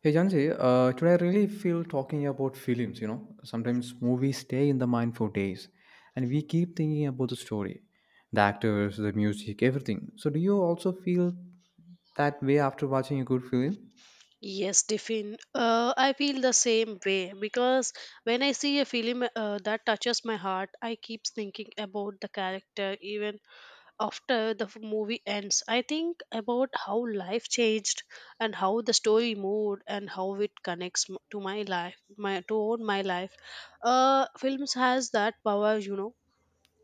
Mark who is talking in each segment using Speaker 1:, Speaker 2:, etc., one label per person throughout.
Speaker 1: Hey Jansi, today I really feel talking about films. You know, sometimes movies stay in the mind for days, and we keep thinking about the story, the actors, the music, everything. So, do you also feel that way after watching a good film?
Speaker 2: Yes, Tiffin. I feel the same way because when I see a film that touches my heart, I keep thinking about the character even after the movie ends. I think about how life changed and how the story moved and how it connects to my life, my to all my life. Films has that power.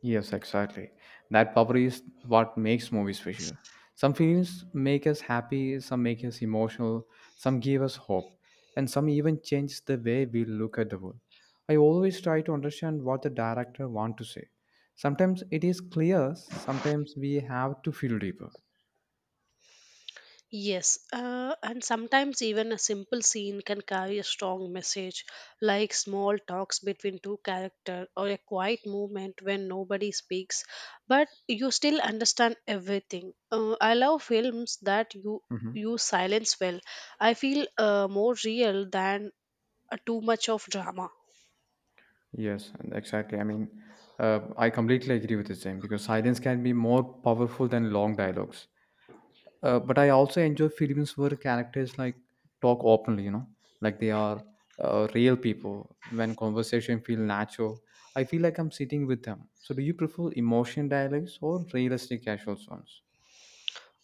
Speaker 1: Yes, exactly. That power is what makes movies special. Some films make us happy, some make us emotional, some give us hope, and some even change the way we look at the world. I always try to understand what the director want to say. Sometimes it is clear, sometimes we have to feel deeper.
Speaker 2: Yes, and sometimes even a simple scene can carry a strong message, like small talks between two characters or a quiet movement when nobody speaks, but you still understand everything. I love films that you
Speaker 1: Mhm.
Speaker 2: use silence well. I feel more real than too much of drama.
Speaker 1: Yes, and exactly. I mean, I completely agree with the same because silence can be more powerful than long dialogues. But I also enjoy films where characters like talk openly, you know, like they are real people. When conversation feel natural, I feel like I'm sitting with them. So, do you prefer emotion dialogues or realistic casual ones?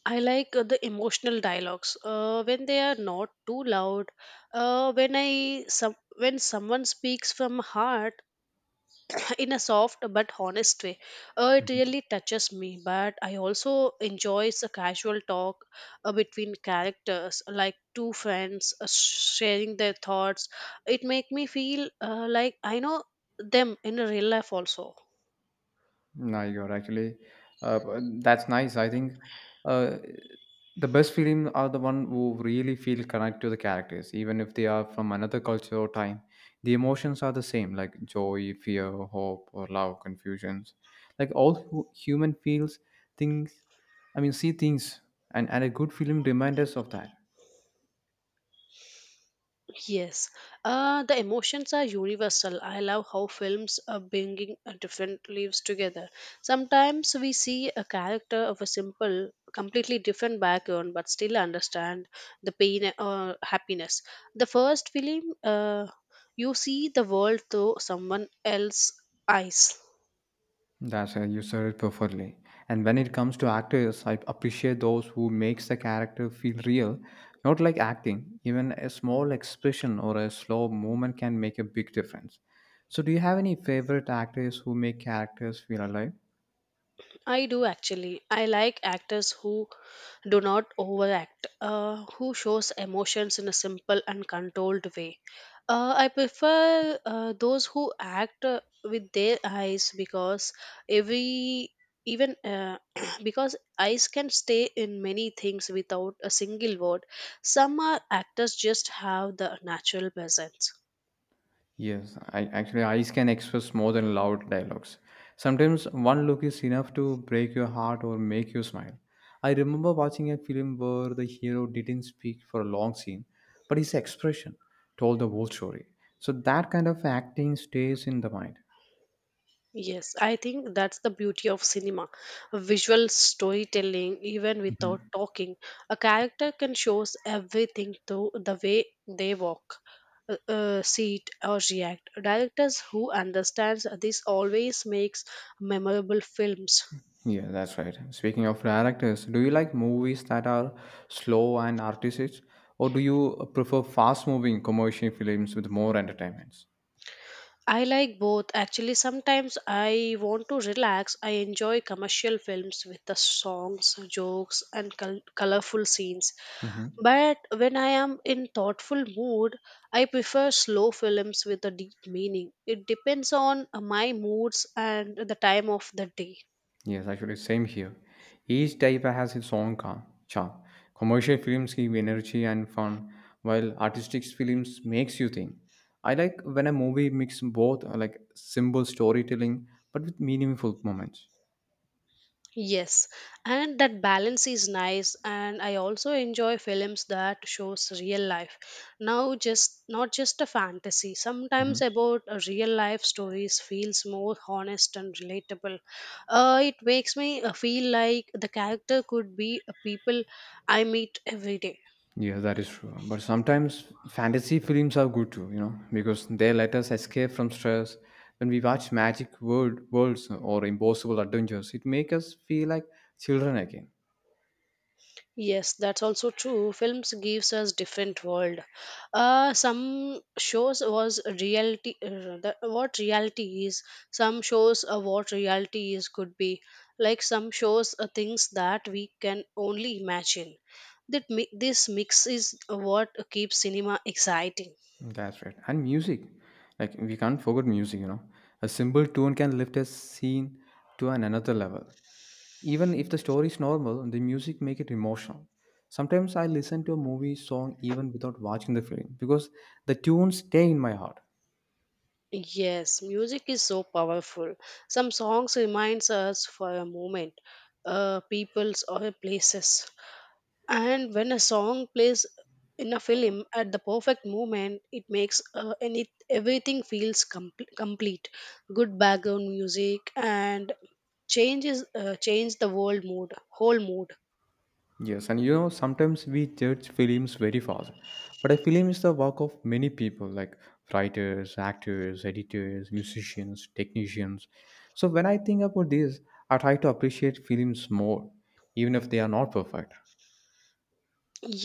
Speaker 2: I like the emotional dialogues when they are not too loud. When I some when someone speaks from heart in a soft but honest way. It really touches me, but I also enjoys a casual talk between characters, like two friends sharing their thoughts. It make me feel like I know them in a real life also.
Speaker 1: No, you're actually that's nice. I think uh, the best film are the one who really feel connect to the characters, even if they are from another culture or time. The emotions are the same, like joy, fear, hope, or love, confusions. Like all human feels things. I mean, see things, and a good film remind us of that.
Speaker 2: Yes, the emotions are universal. I love how films are bringing different lives together. Sometimes we see a character of a simple, completely different background, but still understand the pain or happiness. The first film, you see the world through someone else's eyes.
Speaker 1: That's you said it perfectly. And when it comes to actors, I appreciate those who makes the character feel real, not like acting. Even a small expression or a slow movement can make a big difference. So, do you have any favorite actors who make characters feel alive?
Speaker 2: I do actually. I like actors who do not overact, who shows emotions in a simple and controlled way. I prefer those who act with their eyes because every even because eyes can stay in many things without a single word, some are actors just have the natural presence.
Speaker 1: Yes, I actually eyes can express more than loud dialogues. Sometimes one look is enough to break your heart or make you smile. I remember watching a film where the hero didn't speak for a long scene, but his expression told the whole story. So that kind of acting stays in the mind.
Speaker 2: Yes, I think that's the beauty of cinema. Visual storytelling, even without
Speaker 1: Mhm.
Speaker 2: talking. A character can show us everything through the way they walk, sit, or react. Directors who understands this always makes memorable films.
Speaker 1: Yeah, that's right. Speaking of directors, do you like movies that are slow and artistic, or do you prefer fast-moving commercial films with more entertainments?
Speaker 2: I like both. Actually, sometimes I want to relax. I enjoy commercial films with the songs, jokes, and colorful scenes. But when I am in thoughtful mood, I prefer slow films with a deep meaning. It depends on my moods and the time of the day.
Speaker 1: Yes, actually, same here. Each type has its own charm. Commercial films give energy and fun, while artistic films makes you think. I like when a movie mix both, like simple storytelling, but with meaningful moments.
Speaker 2: Yes, and that balance is nice, and I also enjoy films that shows real life. Now, just not just a fantasy.
Speaker 1: Hmm.
Speaker 2: Sometimes about a real life stories feels more honest and relatable. It makes me feel like the character could be a people I meet every day.
Speaker 1: Yeah, that is true. But sometimes fantasy films are good too, you know, because they let us escape from stress. When we watch magic worlds or impossible adventures, it makes us feel like children again.
Speaker 2: Yes, that's also true. Films gives us different world. Some shows was reality. What reality is? Some shows what reality is could be like some shows things that we can only imagine. This mix is what keeps cinema exciting.
Speaker 1: That's right. And music, like we can't forget music, you know. A simple tune can lift a scene to an another level. Even if the story is normal, the music make it emotional. Sometimes I listen to a movie song even without watching the film because the tunes stay in my heart.
Speaker 2: Yes, music is so powerful. Some songs reminds us for a moment, peoples or places, and when a song plays in a film at the perfect moment, it makes any everything feels complete. Good background music and change the world mood whole mood.
Speaker 1: Yes, and you know, sometimes we judge films very fast, but a film is the work of many people like writers, actors, editors, musicians, technicians. So when I think about this, I try to appreciate films more, even if they are not perfect.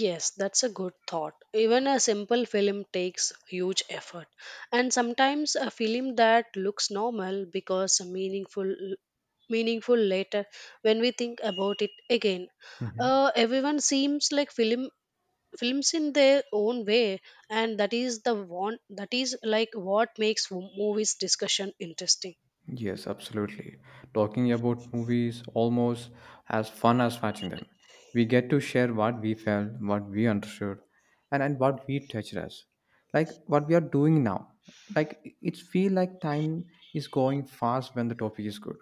Speaker 2: Yes, that's a good thought. Even a simple film takes huge effort, and sometimes a film that looks normal because meaningful later, when we think about it again,
Speaker 1: Mhm.
Speaker 2: everyone seems like films in their own way, and that is the one that is like what makes movies discussion interesting.
Speaker 1: Yes, absolutely. Talking about movies almost as fun as watching them. We get to share what we felt, what we understood, and what we touched us. Like what we are doing now. Like it feel like time is going fast when the topic is good.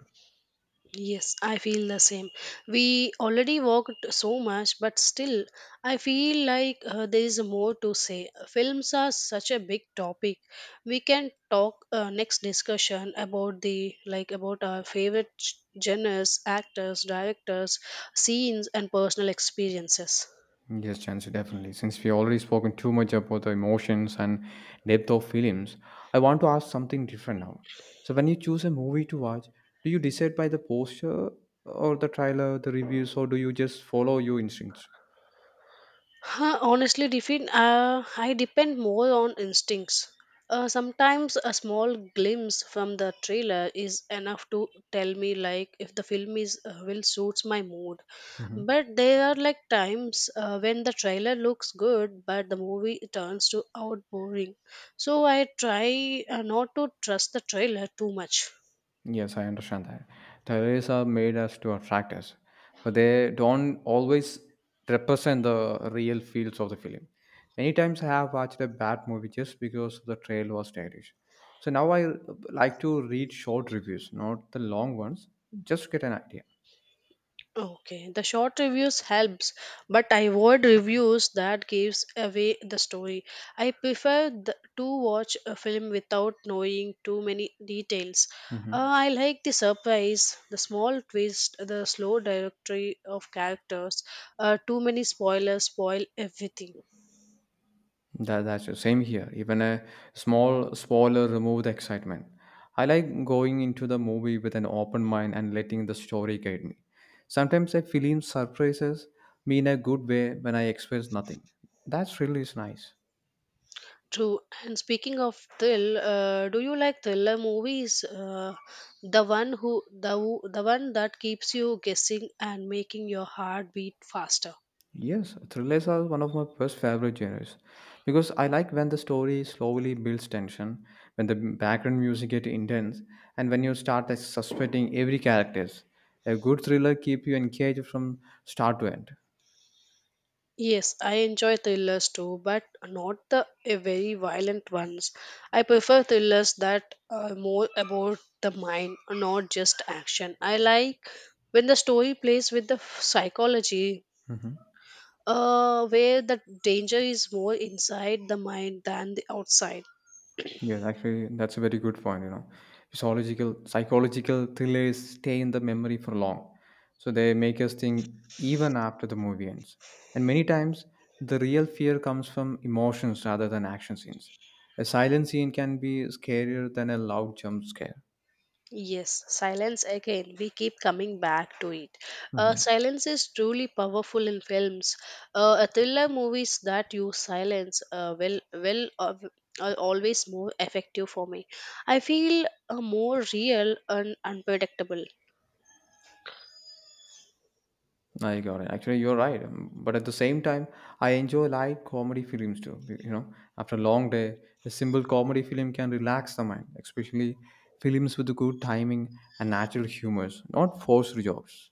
Speaker 2: Yes, I feel the same. We already walked so much, but still I feel like there is more to say. Films are such a big topic. We can talk next discussion about the like about our favorite genres, actors, directors, scenes and personal experiences.
Speaker 1: Yes, Chancy, definitely. Since we already spoken too much about the emotions and depth of films, I want to ask something different now. So, when you choose a movie to watch, do you decide by the poster or the trailer, the reviews, or do you just follow your instincts?
Speaker 2: Huh, honestly, Defin, I depend more on instincts. Sometimes a small glimpse from the trailer is enough to tell me like if the film is will suits my mood. But there are like times when the trailer looks good, but the movie turns to out boring. So I try not to trust the trailer too much.
Speaker 1: Yes, I understand that. Theories are made as to attract us, but they don't always represent the real feels of the film. Many times I have watched a bad movie just because the trailer was stylish. So now I like to read short reviews, not the long ones, just to get an idea.
Speaker 2: Okay, the short reviews helps, but I avoid reviews that gives away the story. I prefer to watch a film without knowing too many details.
Speaker 1: Hmm.
Speaker 2: I like the surprise, the small twist, the slow directory of characters. Too many spoilers spoil everything.
Speaker 1: That's the same here. Even a small spoiler remove the excitement. I like going into the movie with an open mind and letting the story guide me. Sometimes a film surprises me in a good way when I expect nothing. That really is nice.
Speaker 2: True. And speaking of Thrill, do you like thriller movies? The one who- the one that keeps you guessing and making your heart beat faster.
Speaker 1: Yes, thrillers are one of my first favorite genres because I like when the story slowly builds tension, when the background music gets intense, and when you start suspecting every character. A good thriller keeps you engaged from start to end.
Speaker 2: Yes, I enjoy thrillers too, but not the very violent ones. I prefer thrillers that are more about the mind, not just action. I like when the story plays with the psychology,
Speaker 1: Mhm.
Speaker 2: where the danger is more inside the mind than the outside.
Speaker 1: Yeah, actually, that's a very good point. You know, psychological thrillers stay in the memory for long, so they make us think even after the movie ends. And many times, the real fear comes from emotions rather than action scenes. A silent scene can be scarier than a loud jump scare.
Speaker 2: Yes, silence again. We keep coming back to it.
Speaker 1: Mhm.
Speaker 2: Silence is truly powerful in films. A thriller movies that use silence will are always more effective for me. I feel more real and unpredictable.
Speaker 1: I got it. Actually, you're right. But at the same time, I enjoy light comedy films too. You know, after a long day, a simple comedy film can relax the mind, especially films with good timing and natural humors, not forced jokes.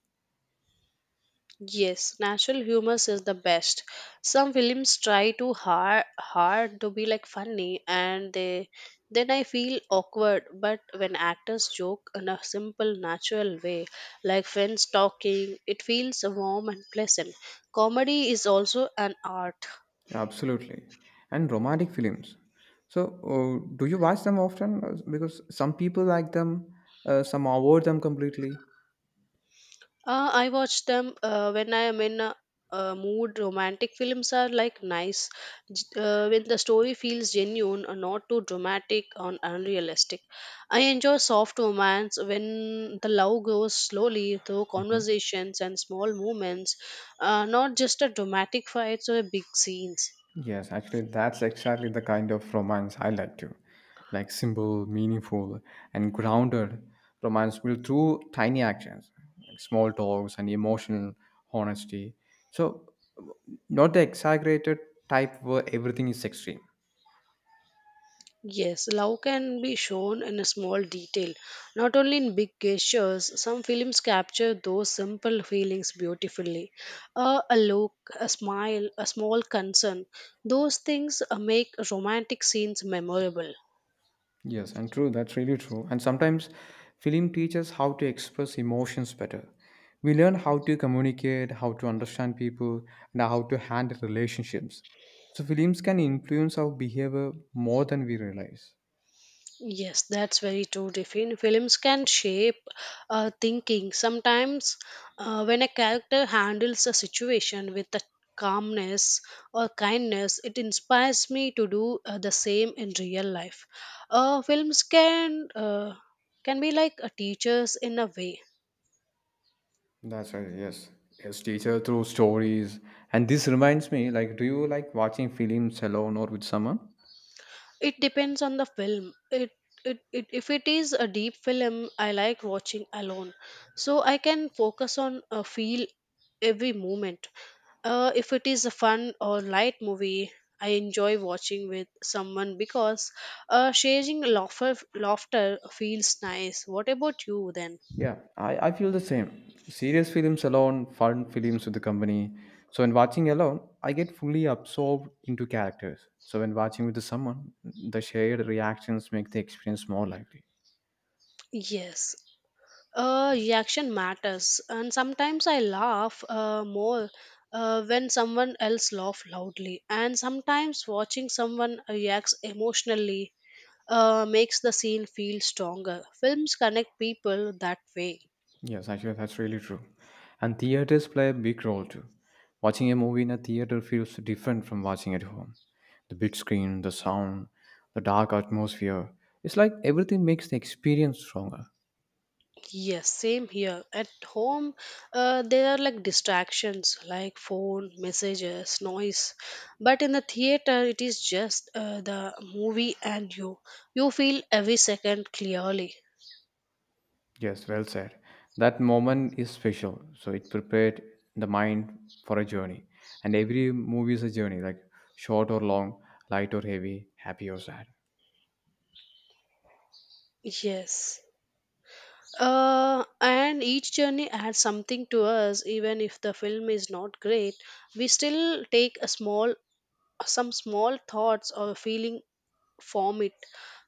Speaker 2: Yes, natural humor is the best. Some films try too hard to be like funny and they then I feel awkward, but when actors joke in a simple natural way, like friends talking, it feels warm and pleasant. Comedy is also an art.
Speaker 1: Absolutely. And romantic films. So, do you watch them often? Because some people like them, some avoid them completely.
Speaker 2: I watch them when I am in a mood. Romantic films are like nice when the story feels genuine and not too dramatic or unrealistic. I enjoy soft romance when the love grows slowly through conversations and small moments, not just a dramatic fights or big scenes.
Speaker 1: Yes, actually, that's exactly the kind of romance I like to. Like simple, meaningful, and grounded romance built through tiny actions, like small talks and emotional honesty. So, not the exaggerated type where everything is extreme.
Speaker 2: Yes, love can be shown in a small detail, not only in big gestures. Some films capture those simple feelings beautifully. A look, a smile, a small concern. Those things make romantic scenes memorable.
Speaker 1: Yes, and true, that's really true. And sometimes film teaches how to express emotions better. We learn how to communicate, how to understand people, and how to handle relationships. So films can influence our behavior more than we realize.
Speaker 2: Yes, that's very true. Different films can shape thinking. Sometimes, when a character handles a situation with a calmness or kindness, it inspires me to do the same in real life. Films can be like a teachers in a way.
Speaker 1: That's right, yes. Yes, teacher through stories. And this reminds me, like, do you like watching films alone or with someone?
Speaker 2: It depends on the film. It if it is a deep film, I like watching alone, so I can focus on feel every moment. If it is a fun or light movie, I enjoy watching with someone because sharing laughter feels nice. What about you then?
Speaker 1: Yeah, I feel the same. Serious films alone, fun films with the company. So when watching alone, I get fully absorbed into characters. So when watching with the someone, the shared reactions make the experience more lively.
Speaker 2: Yes. Reaction matters, and sometimes I laugh more when someone else laughs loudly, and sometimes watching someone reacts emotionally makes the scene feel stronger. Films connect people that way.
Speaker 1: Yes, actually that's really true. And theaters play a big role too. Watching a movie in a theater feels different from watching at home. The big screen, the sound, the dark atmosphere. It's like everything makes the experience stronger.
Speaker 2: Yes, same here. At home, there are like distractions like phone, messages, noise. But in the theater, it is just the movie and you. You feel every second clearly.
Speaker 1: Yes, well said. That moment is special. So it prepared the mind for a journey. And every movie is a journey, like short or long, light or heavy, happy or sad.
Speaker 2: Yes. And each journey adds something to us, even if the film is not great. We still take a small, some small thoughts or feeling from it.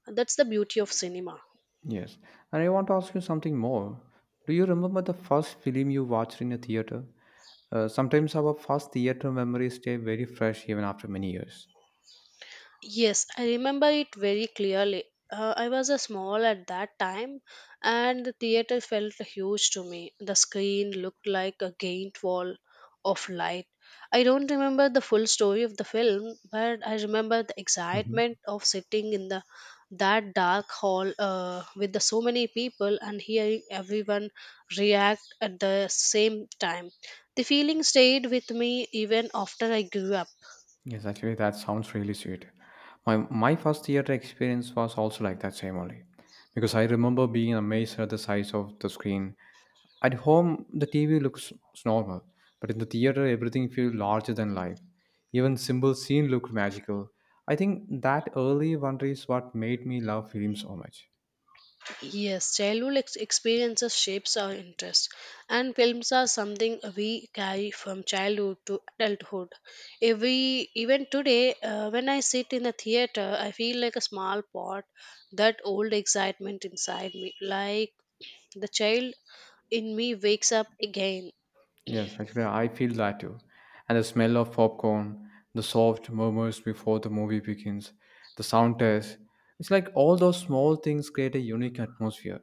Speaker 2: That's the beauty of cinema.
Speaker 1: Yes. And I want to ask you something more. Do you remember the first film you watched in a theater? Sometimes our first theater memories stay very fresh even after many years.
Speaker 2: Yes, I remember it very clearly. I was a small at that time, and the theater felt huge to me. The screen looked like a giant wall of light. I don't remember the full story of the film, but I remember the excitement of sitting in the that dark hall with the so many people and hearing everyone react at the same time. The feeling stayed with me even after I grew up.
Speaker 1: Yes, actually, that sounds really sweet. My first theater experience was also like that same only, because I remember being amazed at the size of the screen. At home, the TV looks normal, but in the theater, everything feels larger than life. Even simple scene looked magical. I think that early wonder is what made me love film so much.
Speaker 2: Yes, childhood experiences shapes our interests, and films are something we carry from childhood to adulthood. Every even today, when I sit in a theater, I feel like a small pot. That old excitement inside me, like the child in me, wakes up again.
Speaker 1: Yes, actually, I feel that too. And the smell of popcorn, the soft murmurs before the movie begins, the sound test. It's like all those small things create a unique atmosphere.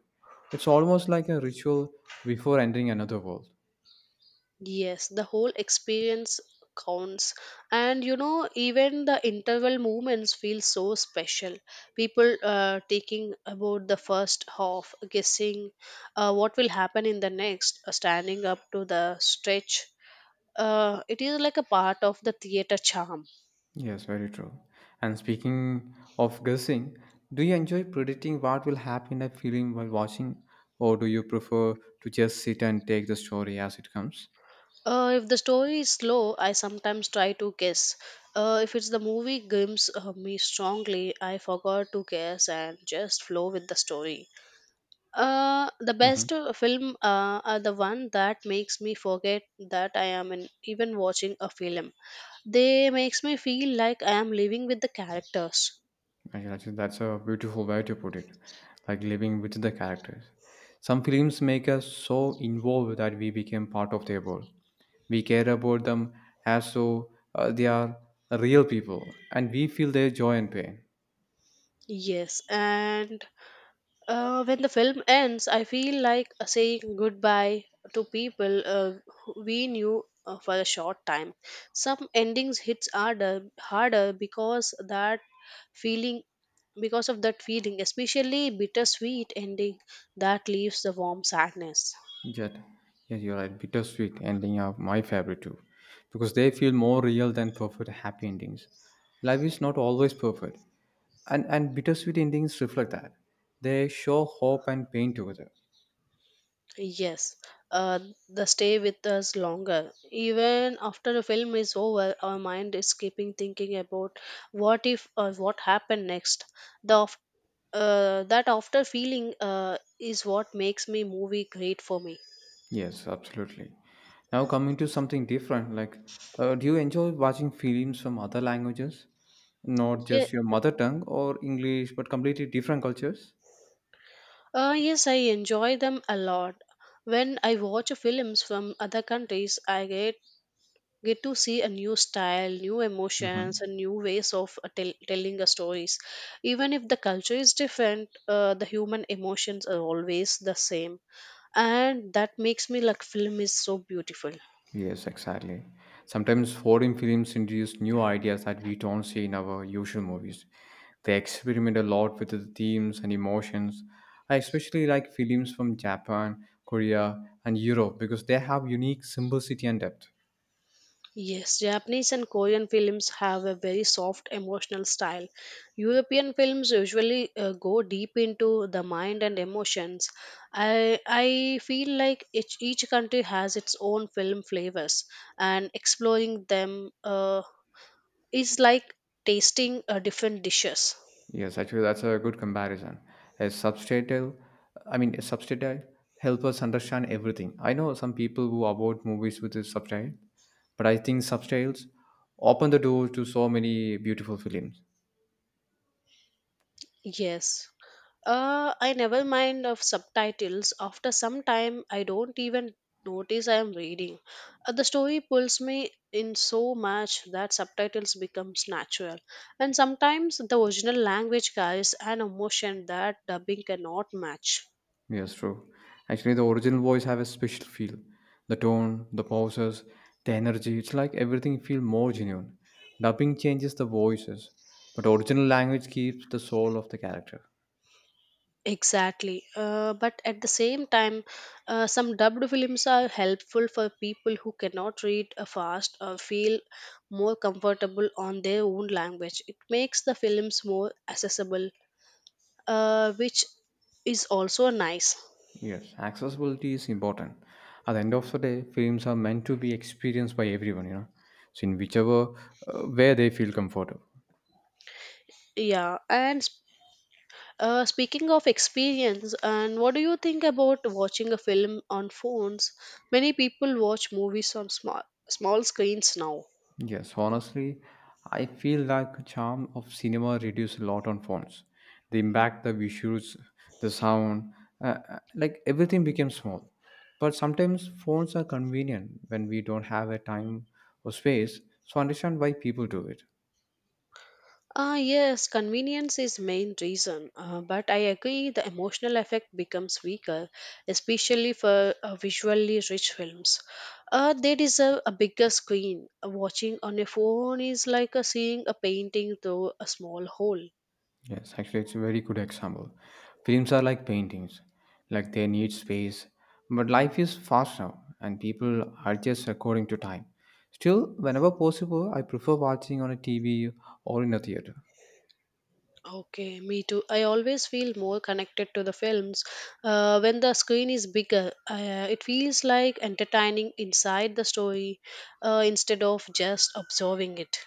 Speaker 1: It's almost like a ritual before entering another world.
Speaker 2: Yes, the whole experience counts. And you know, even the interval movements feel so special. People taking about the first half, guessing what will happen in the next, standing up to the stretch. It is like a part of the theater charm.
Speaker 1: Yes, very true. And speaking of guessing, do you enjoy predicting what will happen in a film while watching, or do you prefer to just sit and take the story as it comes?
Speaker 2: If the story is slow, I sometimes try to guess. If it's the movie grims me strongly, I forgot to guess and just flow with the story. The
Speaker 1: Mm-hmm.
Speaker 2: best film are the one that makes me forget that I am in, even watching a film. They makes me feel like I am living with the characters.
Speaker 1: Actually, that's a beautiful way to put it. Like living with the characters. Some films make us so involved that we become part of their world. We care about them as though they are real people, and we feel their joy and pain.
Speaker 2: Yes, and when the film ends, I feel like saying goodbye to people who we knew for a short time. Some endings hits harder because that feeling, feeling, especially bittersweet ending that leaves the warm sadness.
Speaker 1: Yet, yes, you're right. Bittersweet ending are my favorite too, because they feel more real than perfect happy endings. Life is not always perfect, and bittersweet endings reflect that. They show hope and pain together.
Speaker 2: Yes, uh, they stay with us longer. Even after the film is over, our mind is keeping thinking about what if or what happened next. The That after feeling is what makes me movie great for me.
Speaker 1: Yes, absolutely. Now coming to something different, like, do you enjoy watching films from other languages, not
Speaker 2: Yeah,
Speaker 1: just your mother tongue or English, but completely different cultures?
Speaker 2: yes, I enjoy them a lot. When I watch films from other countries, I get to see a new style, new emotions,
Speaker 1: Hmm.
Speaker 2: and new ways of telling the stories. Even if the culture is different, the human emotions are always the same, and that makes me like film is so beautiful.
Speaker 1: Yes, exactly. Sometimes foreign films introduce new ideas that we don't see in our usual movies. They experiment a lot with the themes and emotions. I especially like films from Japan, Korea, and Europe because they have unique simplicity and depth.
Speaker 2: Yes, Japanese and Korean films have a very soft emotional style. European films usually go deep into the mind and emotions. I feel like each country has its own film flavors, and exploring them is like tasting different dishes.
Speaker 1: Yes, actually, that's a good comparison. A subtitle, I mean, a subtitle help us understand everything. I know some people who avoid movies with a subtitle, but I think subtitles open the door to so many beautiful films.
Speaker 2: Yes. I never mind of subtitles. After some time, I don't even notice I am reading. The story pulls me in so much that subtitles becomes natural. And sometimes the original language carries an emotion that dubbing cannot match.
Speaker 1: Yes, true. Actually, the original voice have a special feel. The tone, the pauses, the energy. It's like everything feel more genuine. Dubbing changes the voices, but original language keeps the soul of the character.
Speaker 2: Exactly. But at the same time, some dubbed films are helpful for people who cannot read fast or feel more comfortable on their own language. It makes the films more accessible which is also nice.
Speaker 1: Yes, accessibility is important. At the end of the day, films are meant to be experienced by everyone, so in whichever where they feel comfortable.
Speaker 2: Yeah, and speaking of experience, and what do you think about watching a film on phones? Many people watch movies on small screens now.
Speaker 1: Yes, honestly, I feel like the charm of cinema reduced a lot on phones. The impact, the visuals, the sound, like everything became small. But sometimes phones are convenient when we don't have a time or space, so I understand why people do it.
Speaker 2: Ah, yes, convenience is main reason, but I agree the emotional effect becomes weaker, especially for visually rich films. They deserve a bigger screen. Watching on a phone is like a seeing a painting through a small hole.
Speaker 1: Yes, actually, it's a very good example. Films are like paintings, like they need space, but life is fast now, and people are just according to time. Still, whenever possible, I prefer watching on a TV or in a theater.
Speaker 2: Okay, me too. I always feel more connected to the films when the screen is bigger. It feels like entertaining inside the story instead of just observing it.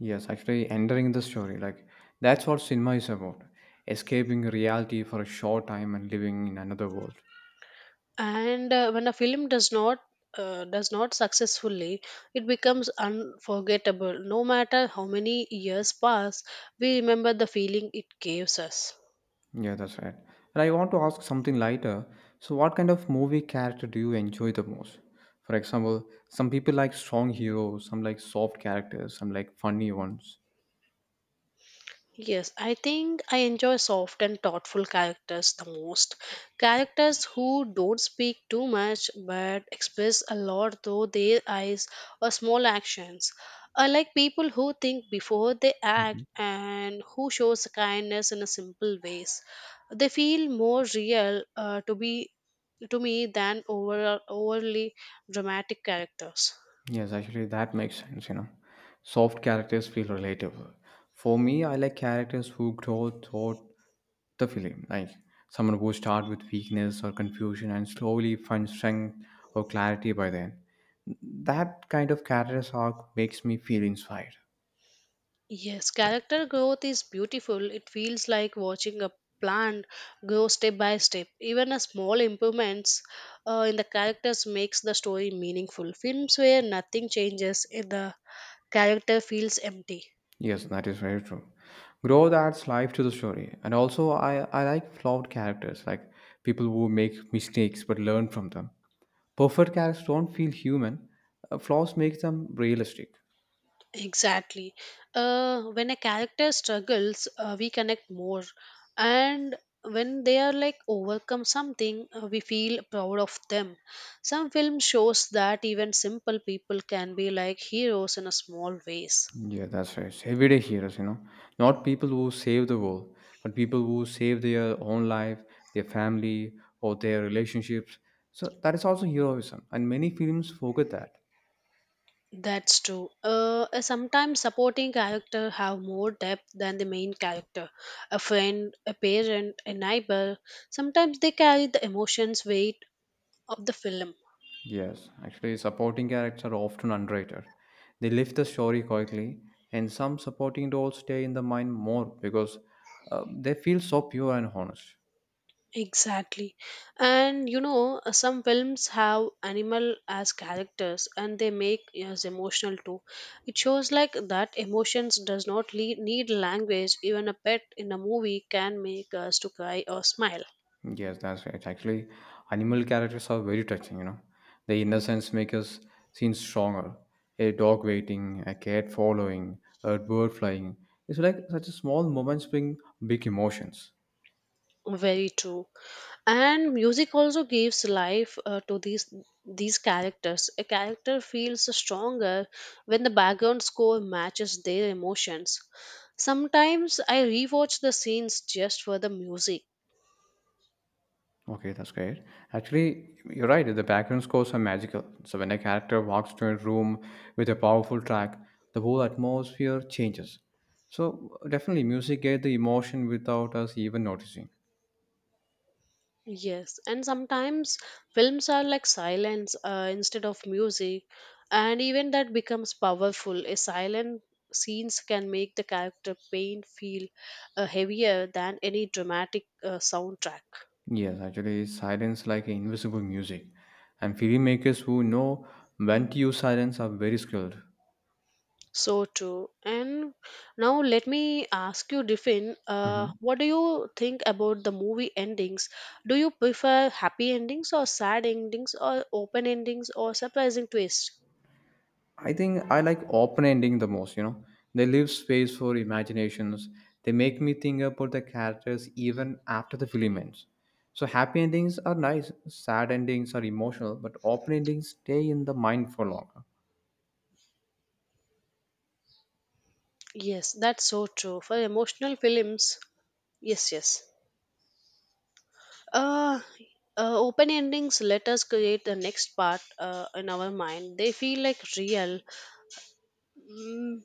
Speaker 1: Yes, actually, entering the story, like that's what cinema is about escaping reality for a short time and living in another world.
Speaker 2: And when a film does not successfully, it becomes unforgettable. No matter how many years pass, we remember the feeling it gives us.
Speaker 1: Yeah, that's right. And I want to ask something lighter. So, what kind of movie character do you enjoy the most? For example, some people like strong heroes, some like soft characters, some like funny ones.
Speaker 2: Yes, I think I enjoy soft and thoughtful characters the most. Characters who don't speak too much but express a lot through their eyes or small actions. I like people who think before they act
Speaker 1: Mhm.
Speaker 2: and who shows kindness in a simple ways. They feel more real to me than overly dramatic characters.
Speaker 1: Yes, actually, that makes sense, you know. Soft characters feel relatable. For me, I like characters who grow throughout the film, like someone who starts with weakness or confusion and slowly finds strength or clarity by then. That kind of character arc makes me feel inspired.
Speaker 2: Yes, character growth is beautiful. It feels like watching a plant grow step by step. Even a small improvements in the characters makes the story meaningful. Films where nothing changes, the character feels empty.
Speaker 1: Yes, that is very true. Growth adds life to the story. And also, I like flawed characters, like people who make mistakes but learn from them. Perfect characters don't feel human. Flaws make them realistic.
Speaker 2: Exactly. When a character struggles, we connect more. And when they are like overcome something, we feel proud of them. Some film shows that even simple people can be like heroes in a small ways.
Speaker 1: Yeah, that's right. Everyday heroes, you know. Not people who save the world, but people who save their own life, their family, or their relationships. So that is also heroism. And many films forget that.
Speaker 2: That's true. Sometimes supporting character have more depth than the main character. A friend, a parent, a neighbor. Sometimes they carry the emotions weight of the film.
Speaker 1: Yes, actually, supporting characters are often underrated. They lift the story quickly, and some supporting roles stay in the mind more because they feel so pure and honest.
Speaker 2: Exactly. And you know, some films have animal as characters and they make us emotional too. It shows like that emotions does not need language. Even a pet in a movie can make us to cry or smile.
Speaker 1: Yes, that's right. Actually, animal characters are very touching, you know. The innocence makes us seem stronger. A dog waiting, a cat following, a bird flying. It's like such a small moments bring big emotions.
Speaker 2: Very true. And music also gives life to these characters. A character feels stronger when the background score matches their emotions. Sometimes I rewatch the scenes just for the music.
Speaker 1: Okay, that's great. Actually, you're right. The background scores are magical. So when a character walks into a room with a powerful track, the whole atmosphere changes. So definitely, music gave the emotion without us even noticing.
Speaker 2: Yes, and sometimes films are like silence instead of music, and even that becomes powerful. A silent scenes can make the character pain feel heavier than any dramatic soundtrack.
Speaker 1: Yes, actually, silence like invisible music, and filmmakers who know when to use silence are very skilled.
Speaker 2: So true. And now let me ask you, Diffin,
Speaker 1: Mhm.
Speaker 2: what do you think about the movie endings? Do you prefer happy endings or sad endings or open endings or surprising twist?
Speaker 1: I think I like open ending the most, you know. They leave space for imaginations. They make me think about the characters even after the film ends. So happy endings are nice, sad endings are emotional, but open endings stay in the mind for longer.
Speaker 2: Yes, that's so true. For emotional films, yes, yes. Uh, Open endings let us create the next part in our mind. They feel like real. Mm,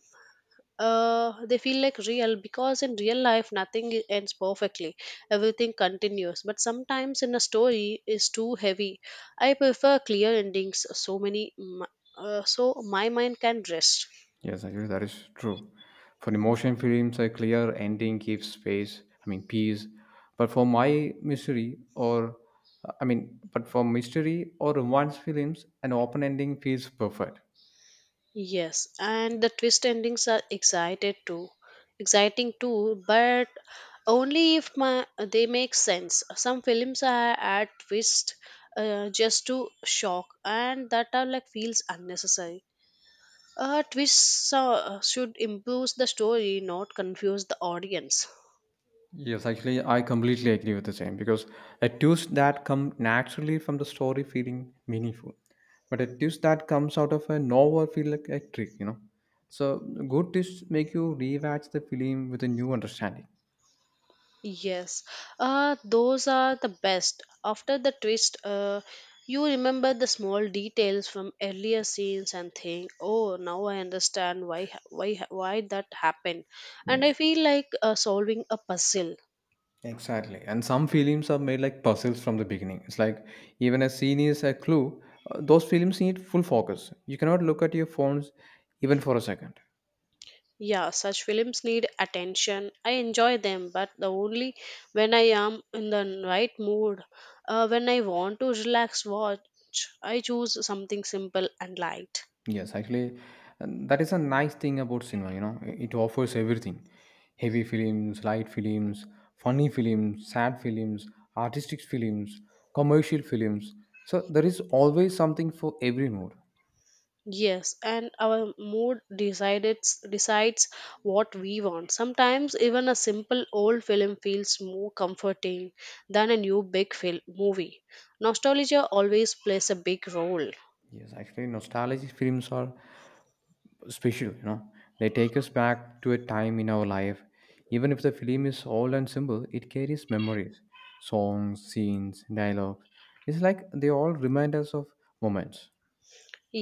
Speaker 2: they feel like real because in real life nothing ends perfectly. Everything continues. But sometimes in a story is too heavy. I prefer clear endings. So so my mind can rest.
Speaker 1: Yes, actually that is true. For emotion films, a clear ending gives space, I mean peace. But for my mystery or but for mystery or romance films, an open ending feels perfect.
Speaker 2: Yes, and the twist endings are excited too, exciting too, but only if my they make sense. Some films are add twist just to shock, and that are like feels unnecessary. A twist should improve the story, not confuse the audience.
Speaker 1: Yes, actually, I completely agree with the same because a twist that come naturally from the story feeling meaningful, but a twist that comes out of a novel feel like a trick, you know. So good twists make you rewatch the film with a new understanding.
Speaker 2: Yes, those are the best. After the twist, you remember the small details from earlier scenes and think, "Oh, now I understand why that happened," and
Speaker 1: Yes,
Speaker 2: I feel like solving a puzzle.
Speaker 1: exactly. And some films are made like puzzles from the beginning. It's like even a scene is a clue. Those films need full focus. You cannot look at your phones even for a second.
Speaker 2: Yeah, such films need attention. I enjoy them, but the only when I am in the right mood, when I want to relax, watch, I choose something simple and light.
Speaker 1: Yes, actually, and that is a nice thing about cinema, you know. It offers everything. Heavy films, light films, funny films, sad films, artistic films, commercial films. So there is always something for every mood.
Speaker 2: Yes, and our mood decides what we want. Sometimes even a simple old film feels more comforting than a new big film movie. Nostalgia always plays a big role.
Speaker 1: Yes, actually, nostalgic films are special, you know. They take us back to a time in our life. Even if the film is old and simple, it carries memories, songs, scenes, dialogue. It's like they all remind us of moments.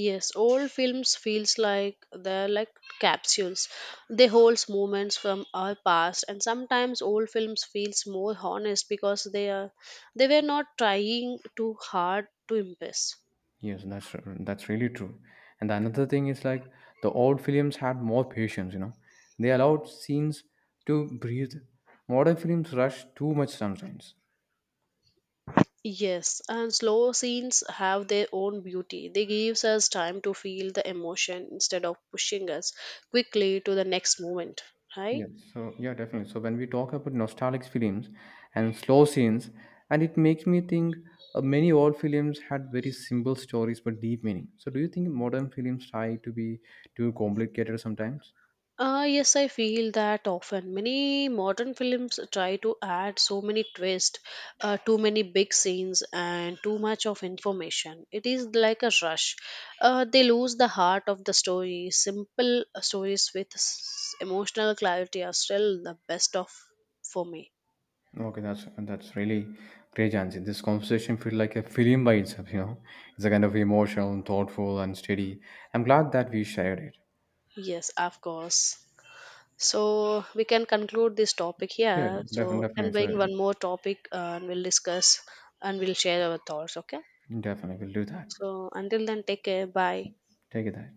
Speaker 2: Yes, old films feels like they're like capsules. They holds moments from our past and sometimes old films feels more honest because they were not trying too hard to impress.
Speaker 1: Yes, that's really true. And another thing is like the old films had more patience, you know. They allowed scenes to breathe. Modern films rush too much sometimes.
Speaker 2: Yes, and slow scenes have their own beauty. They gives us time to feel the emotion instead of pushing us quickly to the next moment, right?
Speaker 1: Yes. So yeah, definitely. So when we talk about nostalgic films and slow scenes, and it makes me think many old films had very simple stories but deep meaning. So do you think modern films try to be too complicated sometimes?
Speaker 2: Ah, yes, I feel that often. Many modern films try to add so many twists, too many big scenes, and too much of information. It is like a rush. They lose the heart of the story. Simple stories with emotional clarity are still the best of for me.
Speaker 1: Okay, that's really great, Jansi. This conversation feels like a film by itself. You know, it's a kind of emotional, thoughtful, and steady. I'm glad that we shared it.
Speaker 2: Yes, of course. So we can conclude this topic
Speaker 1: Yeah,
Speaker 2: here.
Speaker 1: definitely,
Speaker 2: So we
Speaker 1: definitely,
Speaker 2: can bring one
Speaker 1: it's
Speaker 2: more topic and we'll discuss and we'll share our thoughts. Okay.
Speaker 1: a, definitely, we'll do that.
Speaker 2: So until then, take care. Bye.
Speaker 1: Take it that.